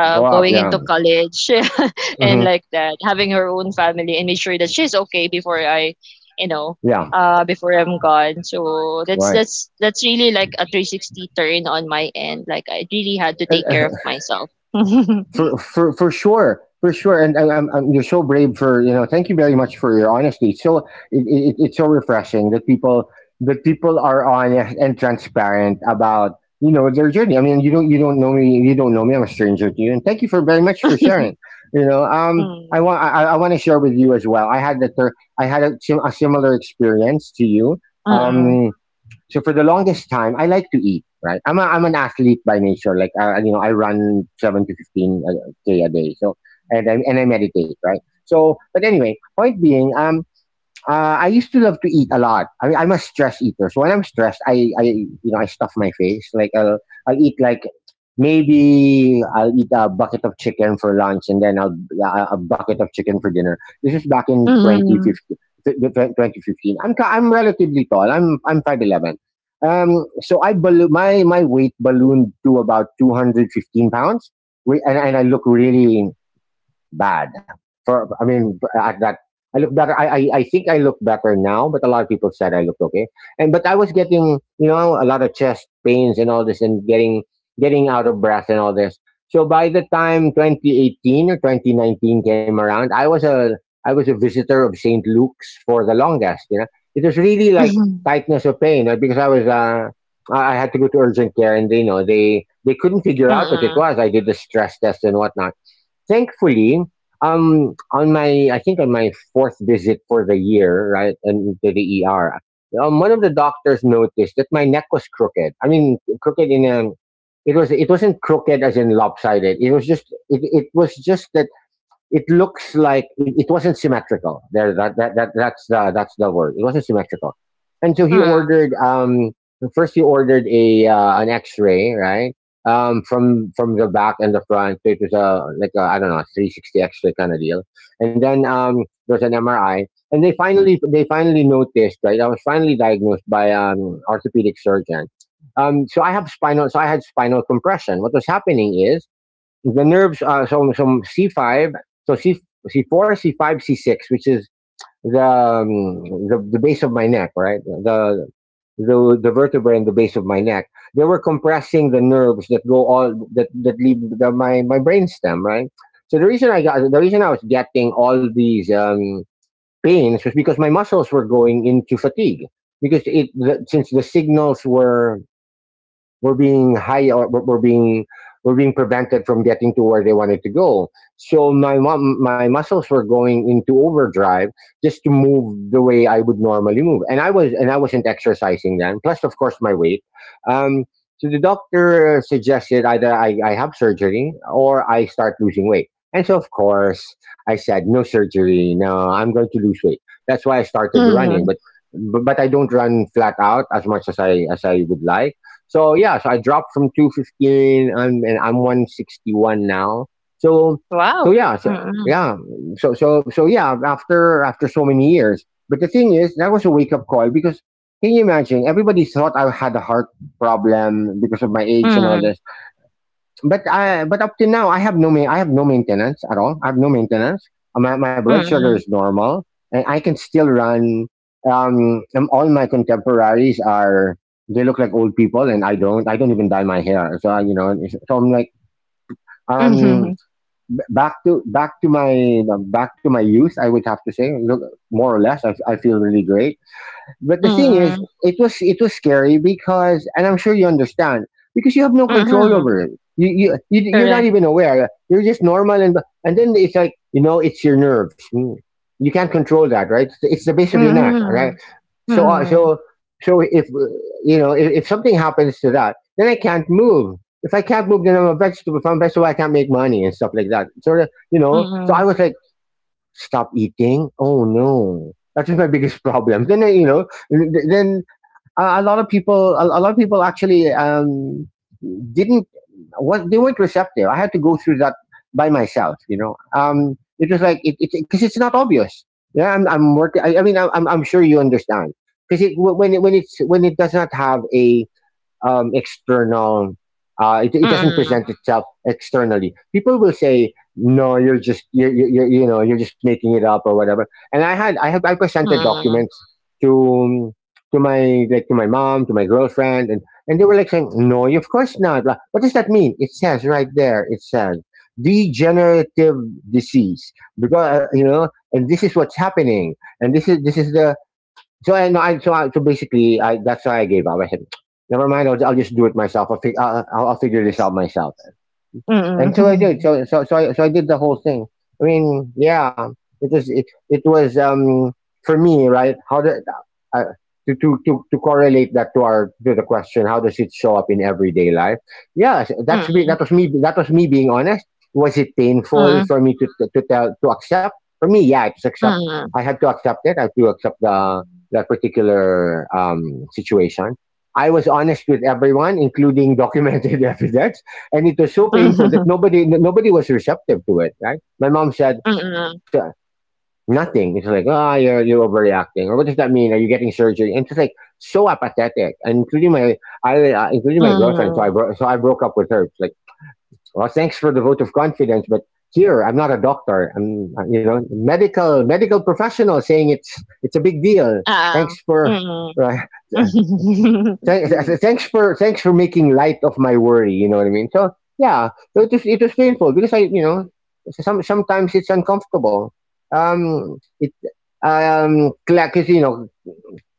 uh, Grow up. going Yeah. into college and Hmm. like that, having her own family, and make sure that she's okay before I, you know, Yeah. Before I'm gone. So that's Right. that's that's really like a 360 turn on my end. Like I really had to take care of myself. For sure, for sure. And you're so brave for, you know, thank you very much for your honesty. It's so refreshing that people are honest and transparent about their journey. I mean, you don't know me, you don't know me. I'm a stranger to you, and thank you for very much for sharing. Mm, I want to share with you as well. I had a similar experience to you. mm, Um so for the longest time, I like to eat. Right, I'm an athlete by nature. Like, you know, I run 7 to 15 k a day. So and I meditate. Right. So, but anyway, point being, I used to love to eat a lot. I mean, I'm a stress eater. So when I'm stressed, I stuff my face. Like, I'll eat like I'll eat a bucket of chicken for lunch. And then, I'll yeah, a bucket of chicken for dinner. This is back in mm. 2015. 2015. I'm relatively tall. I'm 5'11. So I balloon my my weight ballooned to about 215 pounds. Wait, and I look really bad. For, I mean, at that, I look better. I think I look better now, but a lot of people said I looked okay. And but I was getting, a lot of chest pains and all this, and getting, out of breath and all this. So by the time 2018 or 2019 came around, I was a visitor of St. Luke's for the longest. You know, it was really like Mhm. tightness of pain, because I was, I had to go to urgent care, and they you know they couldn't figure out what it Mm. was. I did the stress test and whatnot. Thankfully, on my, I think, on my fourth visit for the year, right, and to the ER, one of the doctors noticed that my neck was crooked. I mean, crooked in a, it wasn't crooked as in lopsided. It was just that it looks like, it wasn't symmetrical. There, that's the word. It wasn't symmetrical, and so he Mm. ordered. First he ordered a an X-ray, right? From the back and the front. So it was, a like a, I don't know, a 360 X-ray kind of deal. And then, there's an MRI, and they finally noticed, right? I was finally diagnosed by an orthopedic surgeon. So I had spinal compression. What was happening is the nerves are, so C5, so C, C4, C5, C6, which is the, um, the base of my neck, right? The vertebra in the base of my neck. They were compressing the nerves, that go all that that leave, the, my brainstem, right? So the reason I was getting all these, pains, was because my muscles were going into fatigue, because, since the signals were, we're being high or we're we're being we're being prevented from getting to where they wanted to go. So my muscles were going into overdrive just to move the way I would normally move, and I wasn't exercising, then plus of course my weight. um, so the doctor suggested either I have surgery, or I start losing weight. And so, of course, I said, no surgery, no, I'm going to lose weight. That's why I started running, Mm. But I don't run flat out as much as I would like. So yeah, so I dropped from 215. I'm 161 now. So Wow! so yeah, so Mm. yeah, so so so yeah. After so many years, but the thing is, that was a wake up call, because can you imagine? Everybody thought I had a heart problem because of my age and all Mm. this, but up to now, I have no maintenance at all. I have no maintenance. My blood sugar is Mm. normal, and I can still run. All my contemporaries are, they look like old people, and I don't. I don't even dye my hair. So I, you know, so I'm like, um Mhm. Back to my back to my youth, I would have to say, look. More or less, I feel really great. But the thing is, Mm. it was scary because, and I'm sure you understand, because you have no control Mhm. over it. You're not Correct. even aware. You're just normal, and then it's like, you know, it's your nerves. Mm. You can't control that, right? It's the base of your neck, all right. Mm. So uh, Mm. so so if, if something happens to that, then I can't move. If I can't move, then I'm a vegetable. If I'm a vegetable, I can't make money and stuff like that. Sort of, you know. So Mm. I was like, stop eating. Oh no, that is my biggest problem. Then you know, th- then a lot of people, a lot of people actually, didn't, what, they weren't receptive. I had to go through that by myself. You know, it was like it, because it's not obvious. Yeah, I'm working. I mean, I'm sure you understand, because it wh- when it, when it's when it does not have a, external. It doesn't Mm. present itself externally. People will say, "No, you're just, you're just making it up or whatever." And I had I have I presented Mm. documents to to my like to my mom, to my girlfriend, and they were like, saying, "No, of course not." Blah. What does that mean? It says right there. It says degenerative disease, because, and this is what's happening, and this is the, so I no, I, so basically, I that's why I gave up. I said, never mind. I'll just do it myself. I'll, fi- I'll figure this out myself, until I did. Mm. So so so I, so I did the whole thing. I mean, yeah, it was for me, right. How did uh, to correlate that to our, to the question. How does it show up in everyday life? Yeah, so that's me. Mm. That was me. That was me being honest. Was it painful Mm. for me to, to tell to accept? For me, yeah, it's accept. Mm. I had to accept it. I had to accept the that particular, situation. I was honest with everyone, including documented evidence, and it was so painful that Mhm. nobody was receptive to it. Right? My mom said, Mm. "Sure, nothing." It's like, ah, oh, you're overreacting, or what does that mean? Are you getting surgery? And it's like, so apathetic, and including my, I including Mm. my girlfriend. So Oo. I bro- so I broke up with her. It's like, well, thanks for the vote of confidence, but here, I'm not a doctor. I'm, medical professional, saying it's a big deal. Thanks for. Mm. Right. Thanks for making light of my worry. You know what I mean? So yeah, so it was painful, because, I you know some sometimes it's uncomfortable. Um, it 'Cause, you know,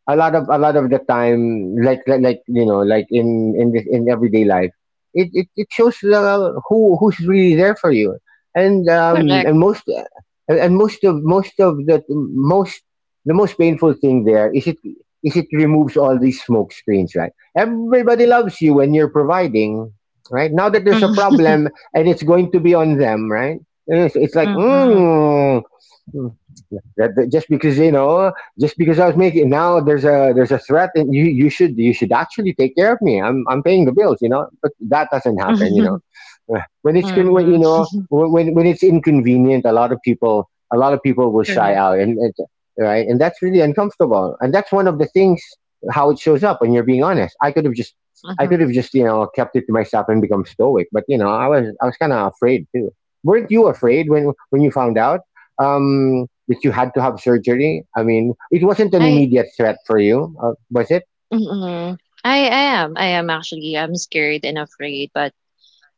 a lot of the time, like, in this, in everyday life, it shows, who's really there for you, and, Correct. Most of the, most the most painful thing there is, it removes all these smoke screens, right? Everybody loves you when you're providing. Right, now that there's a Mm. problem, and it's going to be on them, right. And it's like, Mm. mm, that just because, just because I was making, now there's a threat, and you should, you should actually take care of me. I'm, paying the bills, you know. But that doesn't happen, you know. When it's con- when, Mm. you know when it's inconvenient, a lot of people will shy Correct. out, and right, and that's really uncomfortable, and that's one of the things, how it shows up when you're being honest. I could Mhm. have just, you know, kept it to myself and become stoic, but, you know, I was kind of afraid too. Weren't you afraid when, you found out, that you had to have surgery? I mean, it wasn't an Ay. immediate threat for you, was it? Mm. I am actually. I'm scared and afraid, but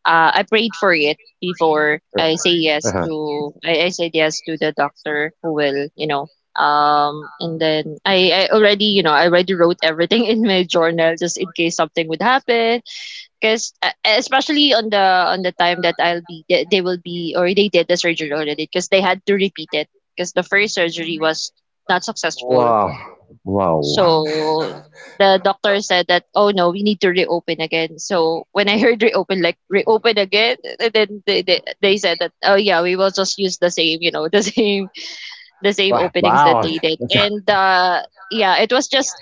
I prayed for it before I say yes Uh-huh. to I said yes to the doctor who will, you know, and then I already, you know, I already wrote everything in my journal just in case something would happen, because especially on the time that I'll be they will be or they did the surgery already, because they had to repeat it because the first surgery was not successful. Wow. Wow. So the doctor said that, "Oh no, we need to reopen again." So when I heard reopen, like reopen again, and then they said that, "Oh yeah, we will just use the same, you know, the same Wow. openings that Wow. they did." And yeah, it was just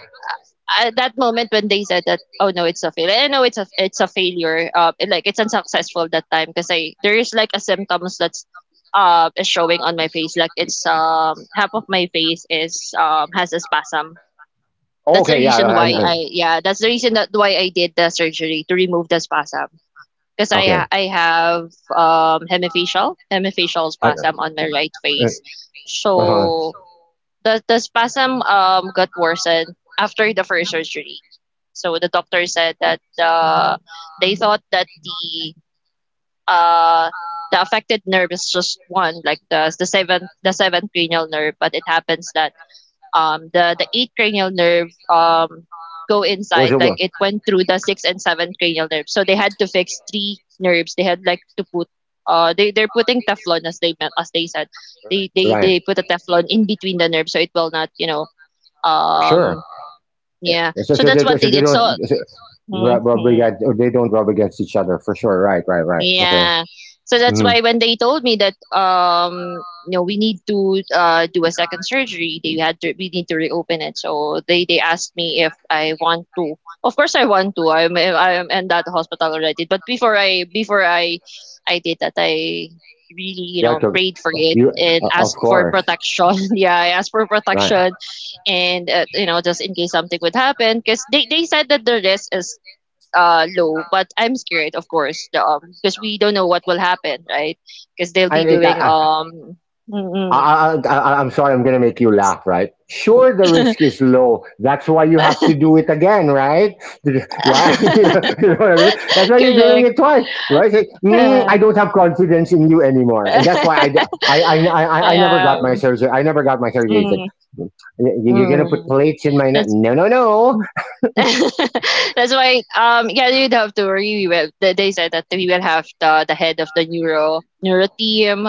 at that moment when they said that, "Oh no, it's a failure." I know it's a failure. Like, it's unsuccessful that time because I there is like a symptoms that's is showing on my face like it's, half of my face is, has a spasm. That's the Okay. Yeah. reason why I yeah, that's the reason that why I did the surgery to remove the spasm. Because Okay. I have hemifacial I, spasm on my right face. uh, uh-huh. So the spasm, got worsened after the first surgery. So the doctor said that they thought that uh the affected nerve is just one, like the the seventh cranial nerve, but it happens that, the eighth cranial nerve, go Was inside, it like wa- it went through the sixth and seventh cranial nerves, so they had to fix three nerves. They had like to put they, they're putting teflon, as they said, right? they put a teflon in between the nerves, so it will not, you know, For sure. um Yeah. yeah, So, so so, that's they, what so they they did. don't So rub mm-hmm. against, or they don't rub against each other for sure. Right. Right. Right. Okay. Yeah. So that's hmm why when they told me that, um, you know, we need to do a second surgery, they had to we need to reopen it. So they asked me if I want to. Of course I want to. I'm in that hospital already. But before I did that I really, you Yeah, know, prayed for it you and of asked for course, protection. Yeah, I asked for right? protection, and you know, just in case something would happen, because they said that the risk is low, but I'm scared, of course, because we don't know what will happen, right? Because they'll I, be I, I, doing I, mm-mm. I'm sorry, I'm gonna make you laugh, right? Sure, the risk is low. That's why you have to do it again, right? Yeah, you know what I mean. That's why you're doing Correct. it twice, right? Say, "Mm, I Yeah, don't have confidence in you anymore, and that's why I, d- I never got my surgery. I never got my surgery. It's like, mm, you're gonna put mm. plates in my neck? That's No, no, no. that's why, yeah, you'd have to worry. We will they said that we will have the head of the neuro team,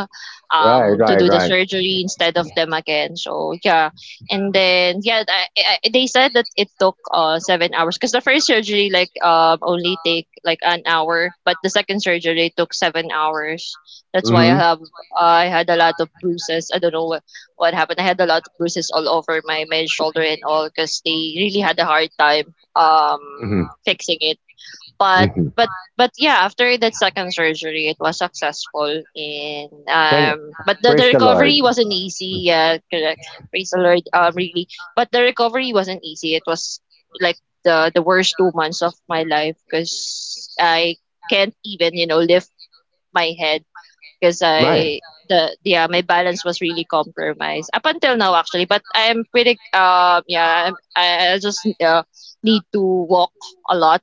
Right, to right, do the right. surgery instead of them again. So yeah, and then yeah, they said that it took 7 hours, because the first surgery like, um, only take like an hour, but the second surgery took 7 hours. That's why hmm I had a lot of bruises. I don't know what happened. I had a lot of bruises all over my shoulder and all because they really had a hard time, um hmm fixing it. But hmm but but yeah, after that second surgery, it was successful in Thank, um. But the praise the Lord. recovery wasn't easy. Yeah, correct. Praise the Lord. Really. But the recovery wasn't easy. It was like the worst 2 months of my life because I can't even, you know, lift my head. 'Cause Right, I the yeah, my balance was really compromised up until now, actually, but I'm pretty, yeah, I just, need to walk a lot.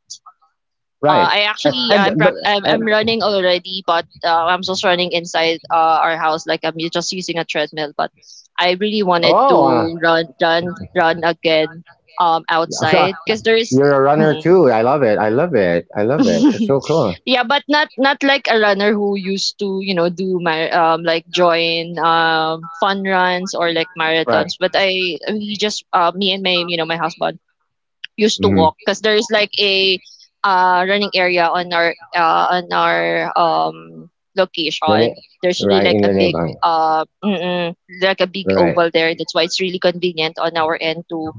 Right. I actually But I'm running already, but, I'm just running inside, our house, like, I'm u just using a treadmill, but I really wanted oh, uh, to run run run again, so outside because there is you're a runner mm. too. I love it. I love it. I love it. It's so cool. Yeah, but not not like a runner who used to, you know, do my, um, like join, um, fun runs or like Right. marathons. But I we just, uh, me and my, you know, my husband used to walk hmm because there is like a running area on our on our, um, The location. There's na- really right like in a your big neighborhood. Like a big Right. oval there. That's why it's really convenient on our end to,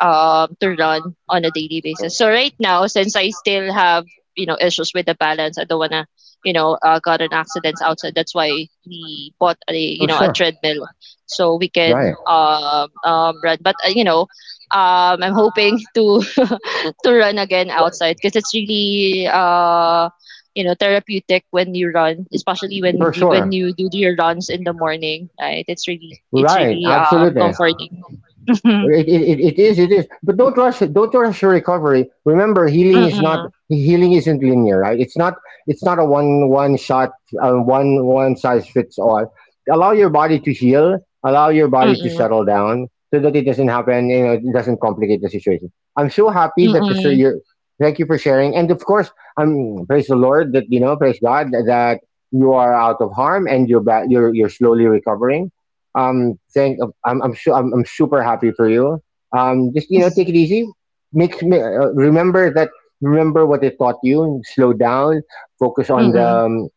to run on a daily basis. So right now, since I still have, you know, issues with the balance, I don't wanna, you know, got an accidents outside. That's why we bought a, you For know, a sure. treadmill so we Right. can, run. But you know. I'm hoping to to run again outside because it's really, you know, therapeutic when you run, especially For when sure. you do your runs in the morning, right? It's really Right. Absolutely. comforting. It is but don't rush it. Don't rush your recovery. Remember, healing is not, Mm-hmm. healing isn't linear, right? It's not, it's not a one shot, one size fits all. Allow your body to heal, allow your body to Mm, settle down so that it doesn't happen, you know, it doesn't complicate the situation. I'm so happy that the sir mm, you thank you for sharing, and of course, I'm praise the Lord that, you know, praise God that you are out of harm and you're back, you're slowly recovering. Thank. I'm, I'm super happy for you. Just, you know, take it easy. Remember that, remember what they taught you. And slow down. Focus mm.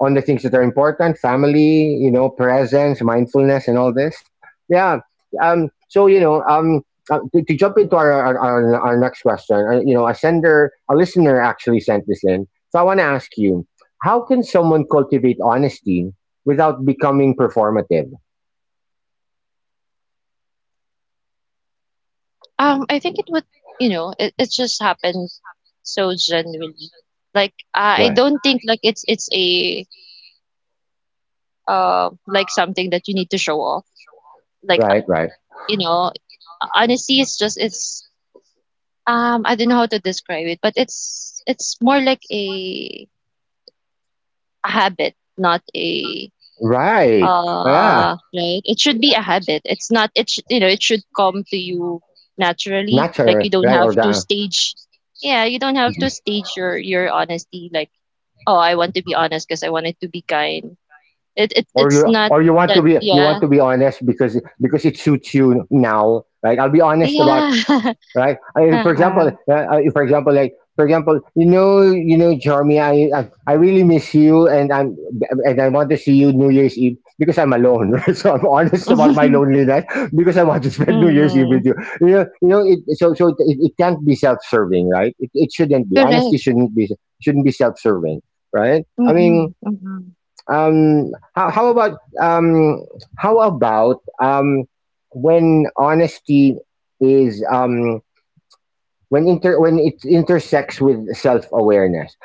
on the things that are important: family, you know, presence, mindfulness, and all this. Yeah. Um. So you know. Um. To jump into our next question, you know, a listener actually sent this in. So I want to ask you, how can someone cultivate honesty without becoming performative? I think it would it just happened so genuinely. Like, I Right. don't think, like, it's something that you need to show off. Like, Right, right, you know, honesty is I don't know how to describe it, but it's more like a habit, not a. right. Yeah, Right. It should be a habit. It's not. It sh- you know. It should come to you naturally. Like, natural, you don't right? have Or to the stage. Yeah, you don't have Mhm. to stage your honesty. Like, oh, I want to be honest because I wanted to be kind. It it Or it's you, not or you want to that. be you want Yeah. to be honest because it suits you now, right? I'll be honest about, Yeah. right? For Uh-uh. example, for example, you know, Jeremy, I really miss you, and I'm and I want to see you New Year's Eve because I'm alone. So I'm honest about my loneliness because I want to spend New Year's Eve Mm, with you. You know, it, so so It can't be self-serving, right? It shouldn't be. Honesty correct. shouldn't be, shouldn't be self-serving, right? I Mm-mm, mean, mm-mm, how about, how about um, when honesty is when it intersects with self awareness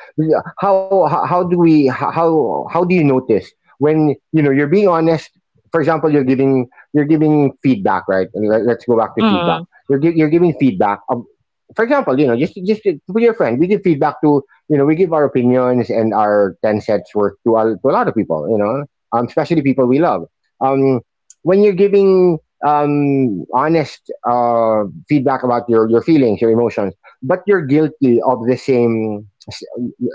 how do we, how do you notice when you know you're being honest? For example, you're giving, you're giving feedback, right? And let's go back to feedback. mm-mm, You're giving feedback, for example, you know, just to your friend. We give feedback to, you know, we give our opinions and our 10 cents worth to, to a lot of people, you know, especially people we love. Um, when you're giving honest feedback about your feelings, your emotions, but you're guilty of the same,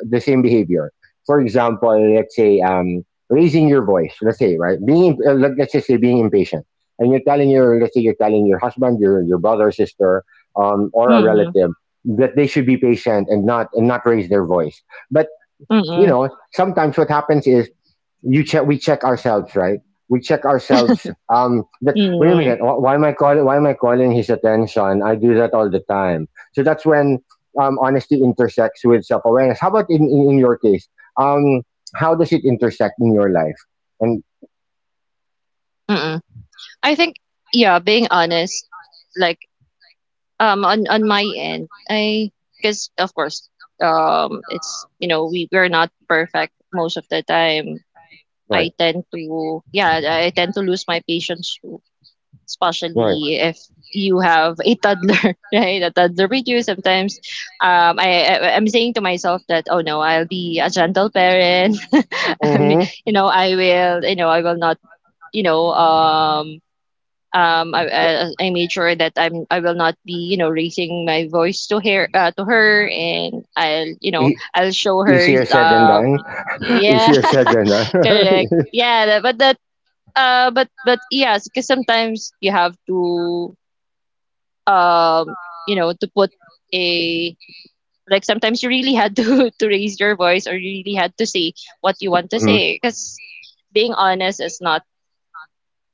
the same behavior. For example, let's say raising your voice. Let's say, right, being let's just say being impatient, and you're telling your, let's say you're telling your husband, your brother, sister, or a mm-mm, relative that they should be patient and not, and not raise their voice. But, you mm-mm, know, sometimes what happens is you check, we check ourselves, right? We check ourselves, um, that wait a minute, why am I calling his attention? I do that all the time. So that's when honesty intersects with self-awareness. How about in your case, um, how does it intersect in your life? And mm-mm. I think, yeah, being honest, like, on my end, I because of course, it's, we're not perfect most of the time. i right, tend to yeah i tend to lose my patience too, right. especially if you have a toddler, right, a toddler with you sometimes. I'm saying to myself that, oh no, I'll be a gentle parent, and I will not. you know um Mm-hmm. I made sure that I will not be raising my voice to her, to her, and I'll e- I'll show her. Easier said than done. Yeah. Easier said than done. Correct. Yeah, that- but that but yes, because sometimes you have to um you know to put a like sometimes you really had to to raise your voice, or you really had to say what you want to Mhm. say, because being honest is not,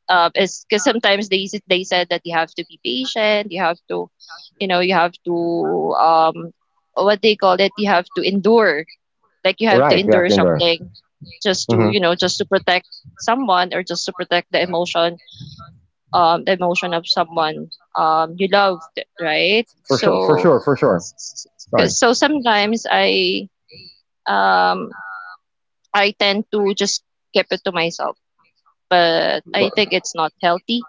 is because sometimes they said that you have to be patient, you have to, you know, you have to um, what they call it, you have to endure, like you have to Right, we have endure to endure. something, just to, Mm-hmm. you know, just to protect someone, or just to protect the emotion of someone, you loved, right? For sure, for So, sure, for sure. Right, sometimes um I tend to just keep it to myself, but I but- think it's not healthy,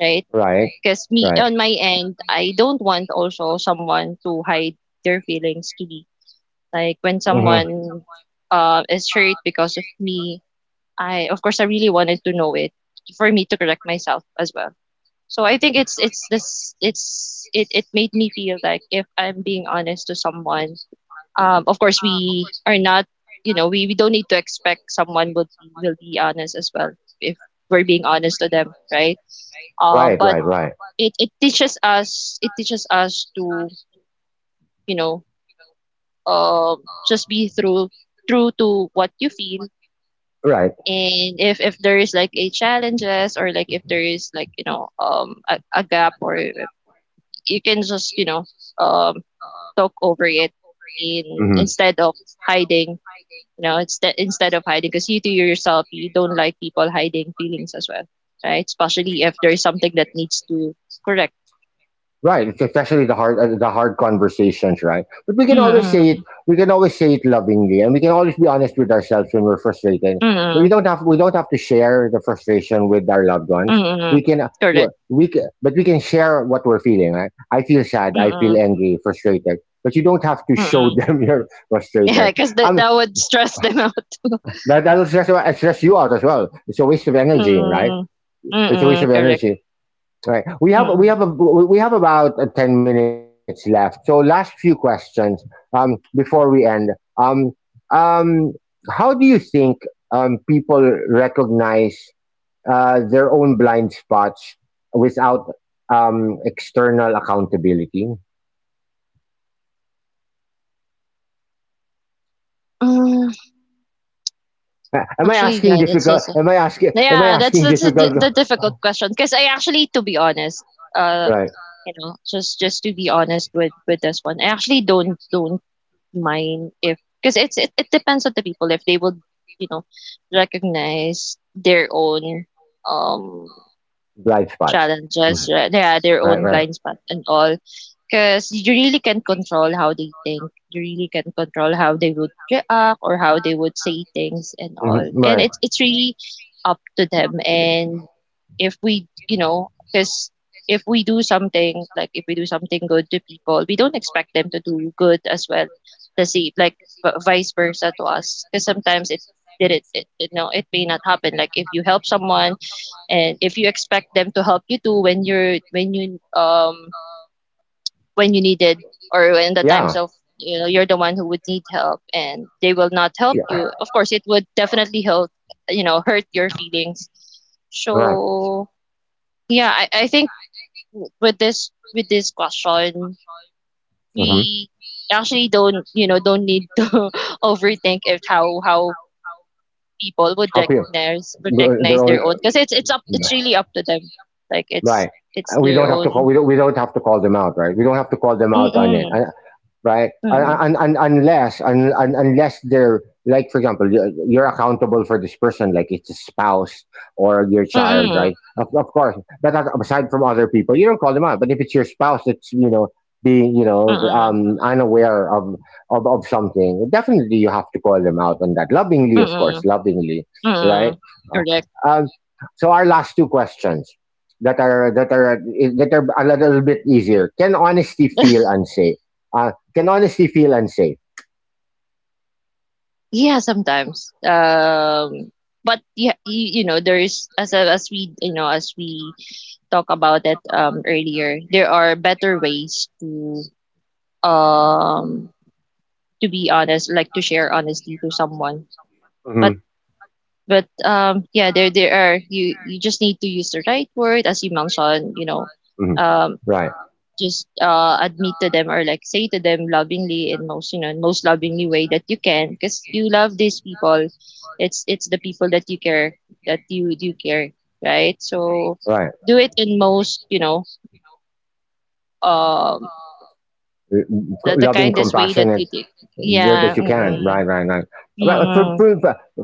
right? right, Because me, right. on my end, I don't want also someone to hide their feelings to me. Like when Mm-hmm. someone, is hurt because of me, I of course I really wanted to know it, for me to correct myself as well. So I think, it's this it's it it made me feel like if I'm being honest to someone, of course we are not, we don't need to expect someone will be honest as well if we're being honest to them, right? Right, But right, right, it teaches us to, you know just be through true to what you feel. right. And if there is like a challenges, or like if there is like, a gap, or if- you can just, um talk over it, in Mm-hmm. instead of hiding, instead of hiding, because you, to yourself, you don't like people hiding feelings as well, right, especially if there is something that needs to correct. Right, it's especially the hard conversations, right? But we can always say it. Mm-mm, We can always say it lovingly, and we can always be honest with ourselves when we're frustrated. But mm-mm, we don't have to share the frustration with our loved ones. mm-mm. We can Correct. we can, but we can share what we're feeling. Right? I feel sad. I feel Mm, angry, frustrated. But you don't have to show mm. them you're frustrated. Because that Um, that would stress them out. that that'll stress, stress you out as well. It's a waste of energy, right? Mm. It's a waste Mm, of correct. energy. Right. We Mm-mm. Mm. have a, we have about 10 minutes left. So last few questions before we end. Um, um, how do you think people recognize their own blind spots without external accountability? Hmm, am I actually, asking difficult? Am I asking? Am I yeah, asking that's a di difficult? the difficult question. Because I actually, to be honest, uh, Right. you know, just to be honest with this one, I actually don't mind if, because it depends on the people if they would, you know, recognize their own, um, Blind spots. challenges, Mhm. right? Yeah, their Right. own Right. blind spot and all. Because you really can control how they think. You really can control how they would react or how they would say things and Mhm. all. And Right. it's really up to them. And if we, you know, because if we do something like if we do something good to people, we don't expect them to do good as well. The same, like, vice versa to us. Because sometimes, it did it, it, it, no, it may not happen. Like if you help someone, and if you expect them to help you too, when you needed, or in the times Yeah. of, you know, you're the one who would need help and they will not help Yeah. you. Of course it would definitely, help hurt your feelings, Right. so yeah, I think with this question Mhm. we actually don't you know don't need to overthink if, how people Help you. Would Their recognize their own, their own, because it's really up to them. Like, right? it's We their don't have to call. own. We don't. We don't have to call them out, right? We don't have to call them out on it. Mm-mm, I, right? mm-mm, And, unless un, un, unless they're like, for example, you're accountable for this person, like it's a spouse or your child, right? mm-mm, Of course, but aside from other people, you don't call them out. But if it's your spouse, that's, you know, being, you know, mm-mm, unaware of something, definitely you have to call them out on that lovingly, of course, mm-mm. lovingly, right? Mm, correct. Uh, um, so our last two questions that are that are that are a little bit easier. Can honesty feel unsafe? Can honestly feel unsafe. Yeah, sometimes. But yeah, you know, there is, as we, as we talk about it earlier, there are better ways to, um to be honest, like to share honestly to someone. But Mm-hmm. but yeah, there are, you just need to use the right word, as you mentioned, you know, Mm-hmm. um Right. Just, admit to them, or like say to them lovingly, in most, in most lovingly way that you can, because you love these people. It's the people that you care, that you do care, right, so right. Right. do it in most, um the Loving, kindest way that compassionate, you think. that, Yeah. that you can. Mm-mm, Right, right, right. Well, mm-mm, for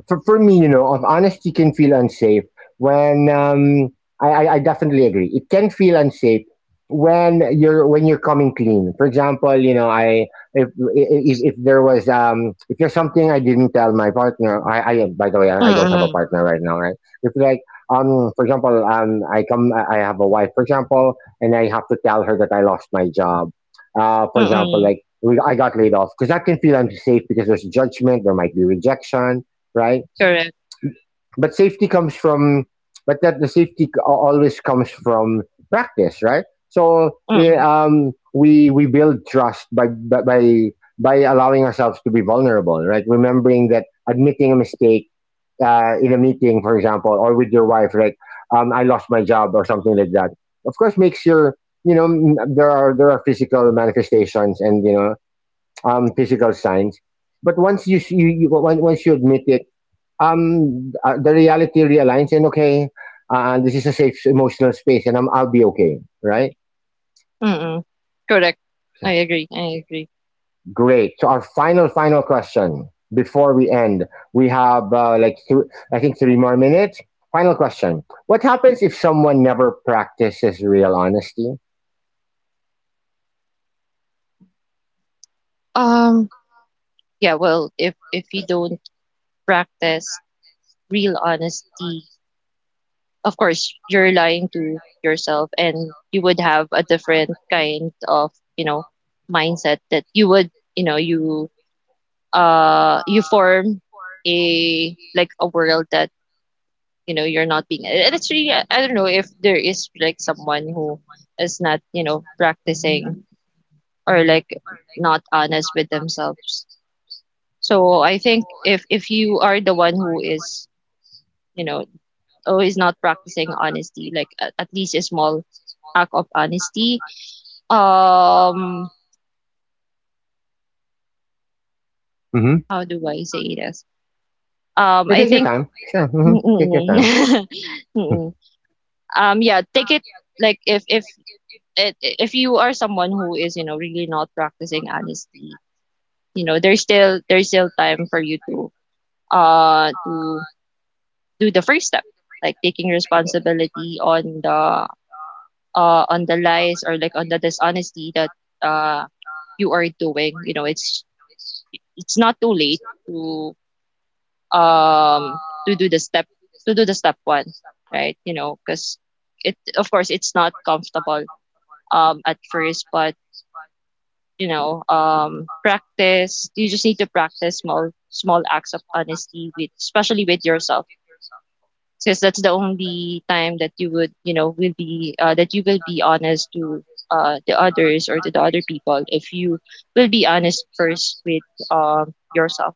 for for me, you know, of honesty can feel unsafe when I definitely agree. It can feel unsafe when you're, when you're coming clean. For example, you know, I if if there was um, if there's something I didn't tell my partner, I by the way, I don't have a mm-mm, partner right now, right? If like um, for example um, I come I have a wife, for example, and I have to tell her that I lost my job for example, mm-mm, like I got laid off, because I can feel unsafe because there's judgment, there might be rejection, right? correct. But safety comes from, but that the safety c- always comes from practice, right? So yeah, Mm-mm, we build trust by allowing ourselves to be vulnerable, right? Remembering that admitting a mistake in a meeting, for example, or with your wife, like I lost my job or something like that. Of course, makes your, you know, there are, there are physical manifestations and, you know, physical signs. But once you, once you admit it, the reality realigns and okay, this is a safe emotional space, and I'll be okay, right? mm-mm, correct. I agree. Great. So our final final question before we end, we have like I think three more minutes. Final question: What happens if someone never practices real honesty? um yeah, well, if you don't practice real honesty, of course you're lying to yourself, and you would have a different kind of, you know, mindset that, you would you know you you form a, like, a world that, you know, you're not being. And it's really, I don't know if there is, like, someone who is not, you know, practicing, or like, not honest with themselves. So I think, if you are the one who is, you know, always not practicing honesty, like, at least a small act of honesty. Um, Mm-hmm. how do I say this? I Take your think, time. Sure. Hmm. mm, Take your mm, time. mm. Mm, mm. Yeah, take it, like, if you are someone who is, you know, really not practicing honesty, you know, there's still time for you to, to do the first step, like taking responsibility on, the on the lies, or like on the dishonesty that, uh, you are doing, you know. It's not too late to, um to do the step, to do the step one, right, you know, because, it of course it's not comfortable, at first, but, practice you just need to practice small acts of honesty with, especially with yourself, since that's the only time that, you would you know will be, that you will be honest to, the others, or to the other people if you will be honest first with, yourself.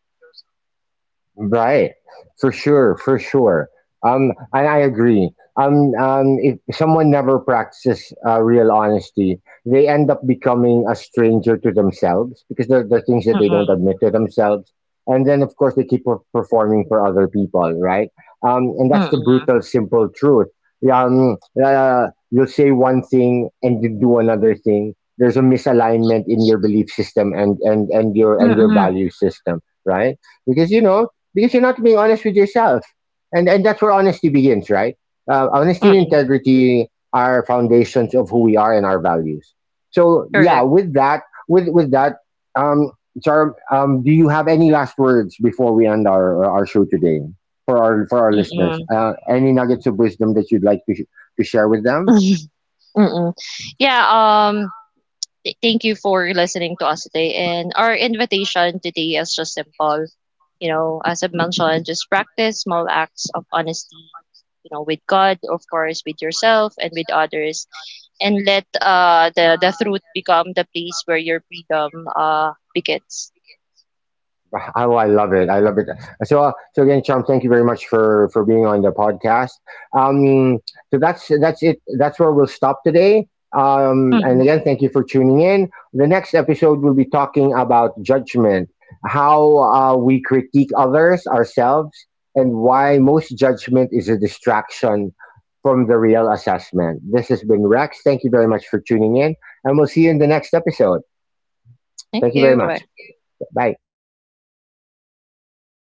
Right. For sure, for sure. And I agree. If someone never practices real honesty, they end up becoming a stranger to themselves because there are things that they don't Mm-mm, admit to themselves. And then, of course, they keep performing for other people, right? And that's the mm-mm, brutal, simple truth. Um, you'll say one thing and you do another thing. There's a misalignment in your belief system and your, and your mm-mm, value system, right? Because, you know, because you're not being honest with yourself, and that's where honesty begins, right? Honesty and mm-mm, integrity are foundations of who we are and our values. So yeah, correct. With that, um, Char, do you have any last words before we end our show today for our, for our listeners? Mm-mm, Any nuggets of wisdom that you'd like to to share with them? mm-mm. Yeah. um Thank you for listening to us today. And our invitation today is just simple. You know, as I've mentioned, just practice small acts of honesty, you know, with God, of course, with yourself and with others. And let, the truth become the place where your freedom, begins. Oh, I love it. I love it. So, so again, Chum, thank you very much for being on the podcast. Um, so that's it. That's where we'll stop today. And Mm. again, thank you for tuning in. The next episode, we'll be talking about judgment, how we critique others, ourselves, and why most judgment is a distraction from the real assessment. This has been Rex. Thank you very much for tuning in, and we'll see you in the next episode. Thank Thank you very you. Bye. much. Bye. Yeah.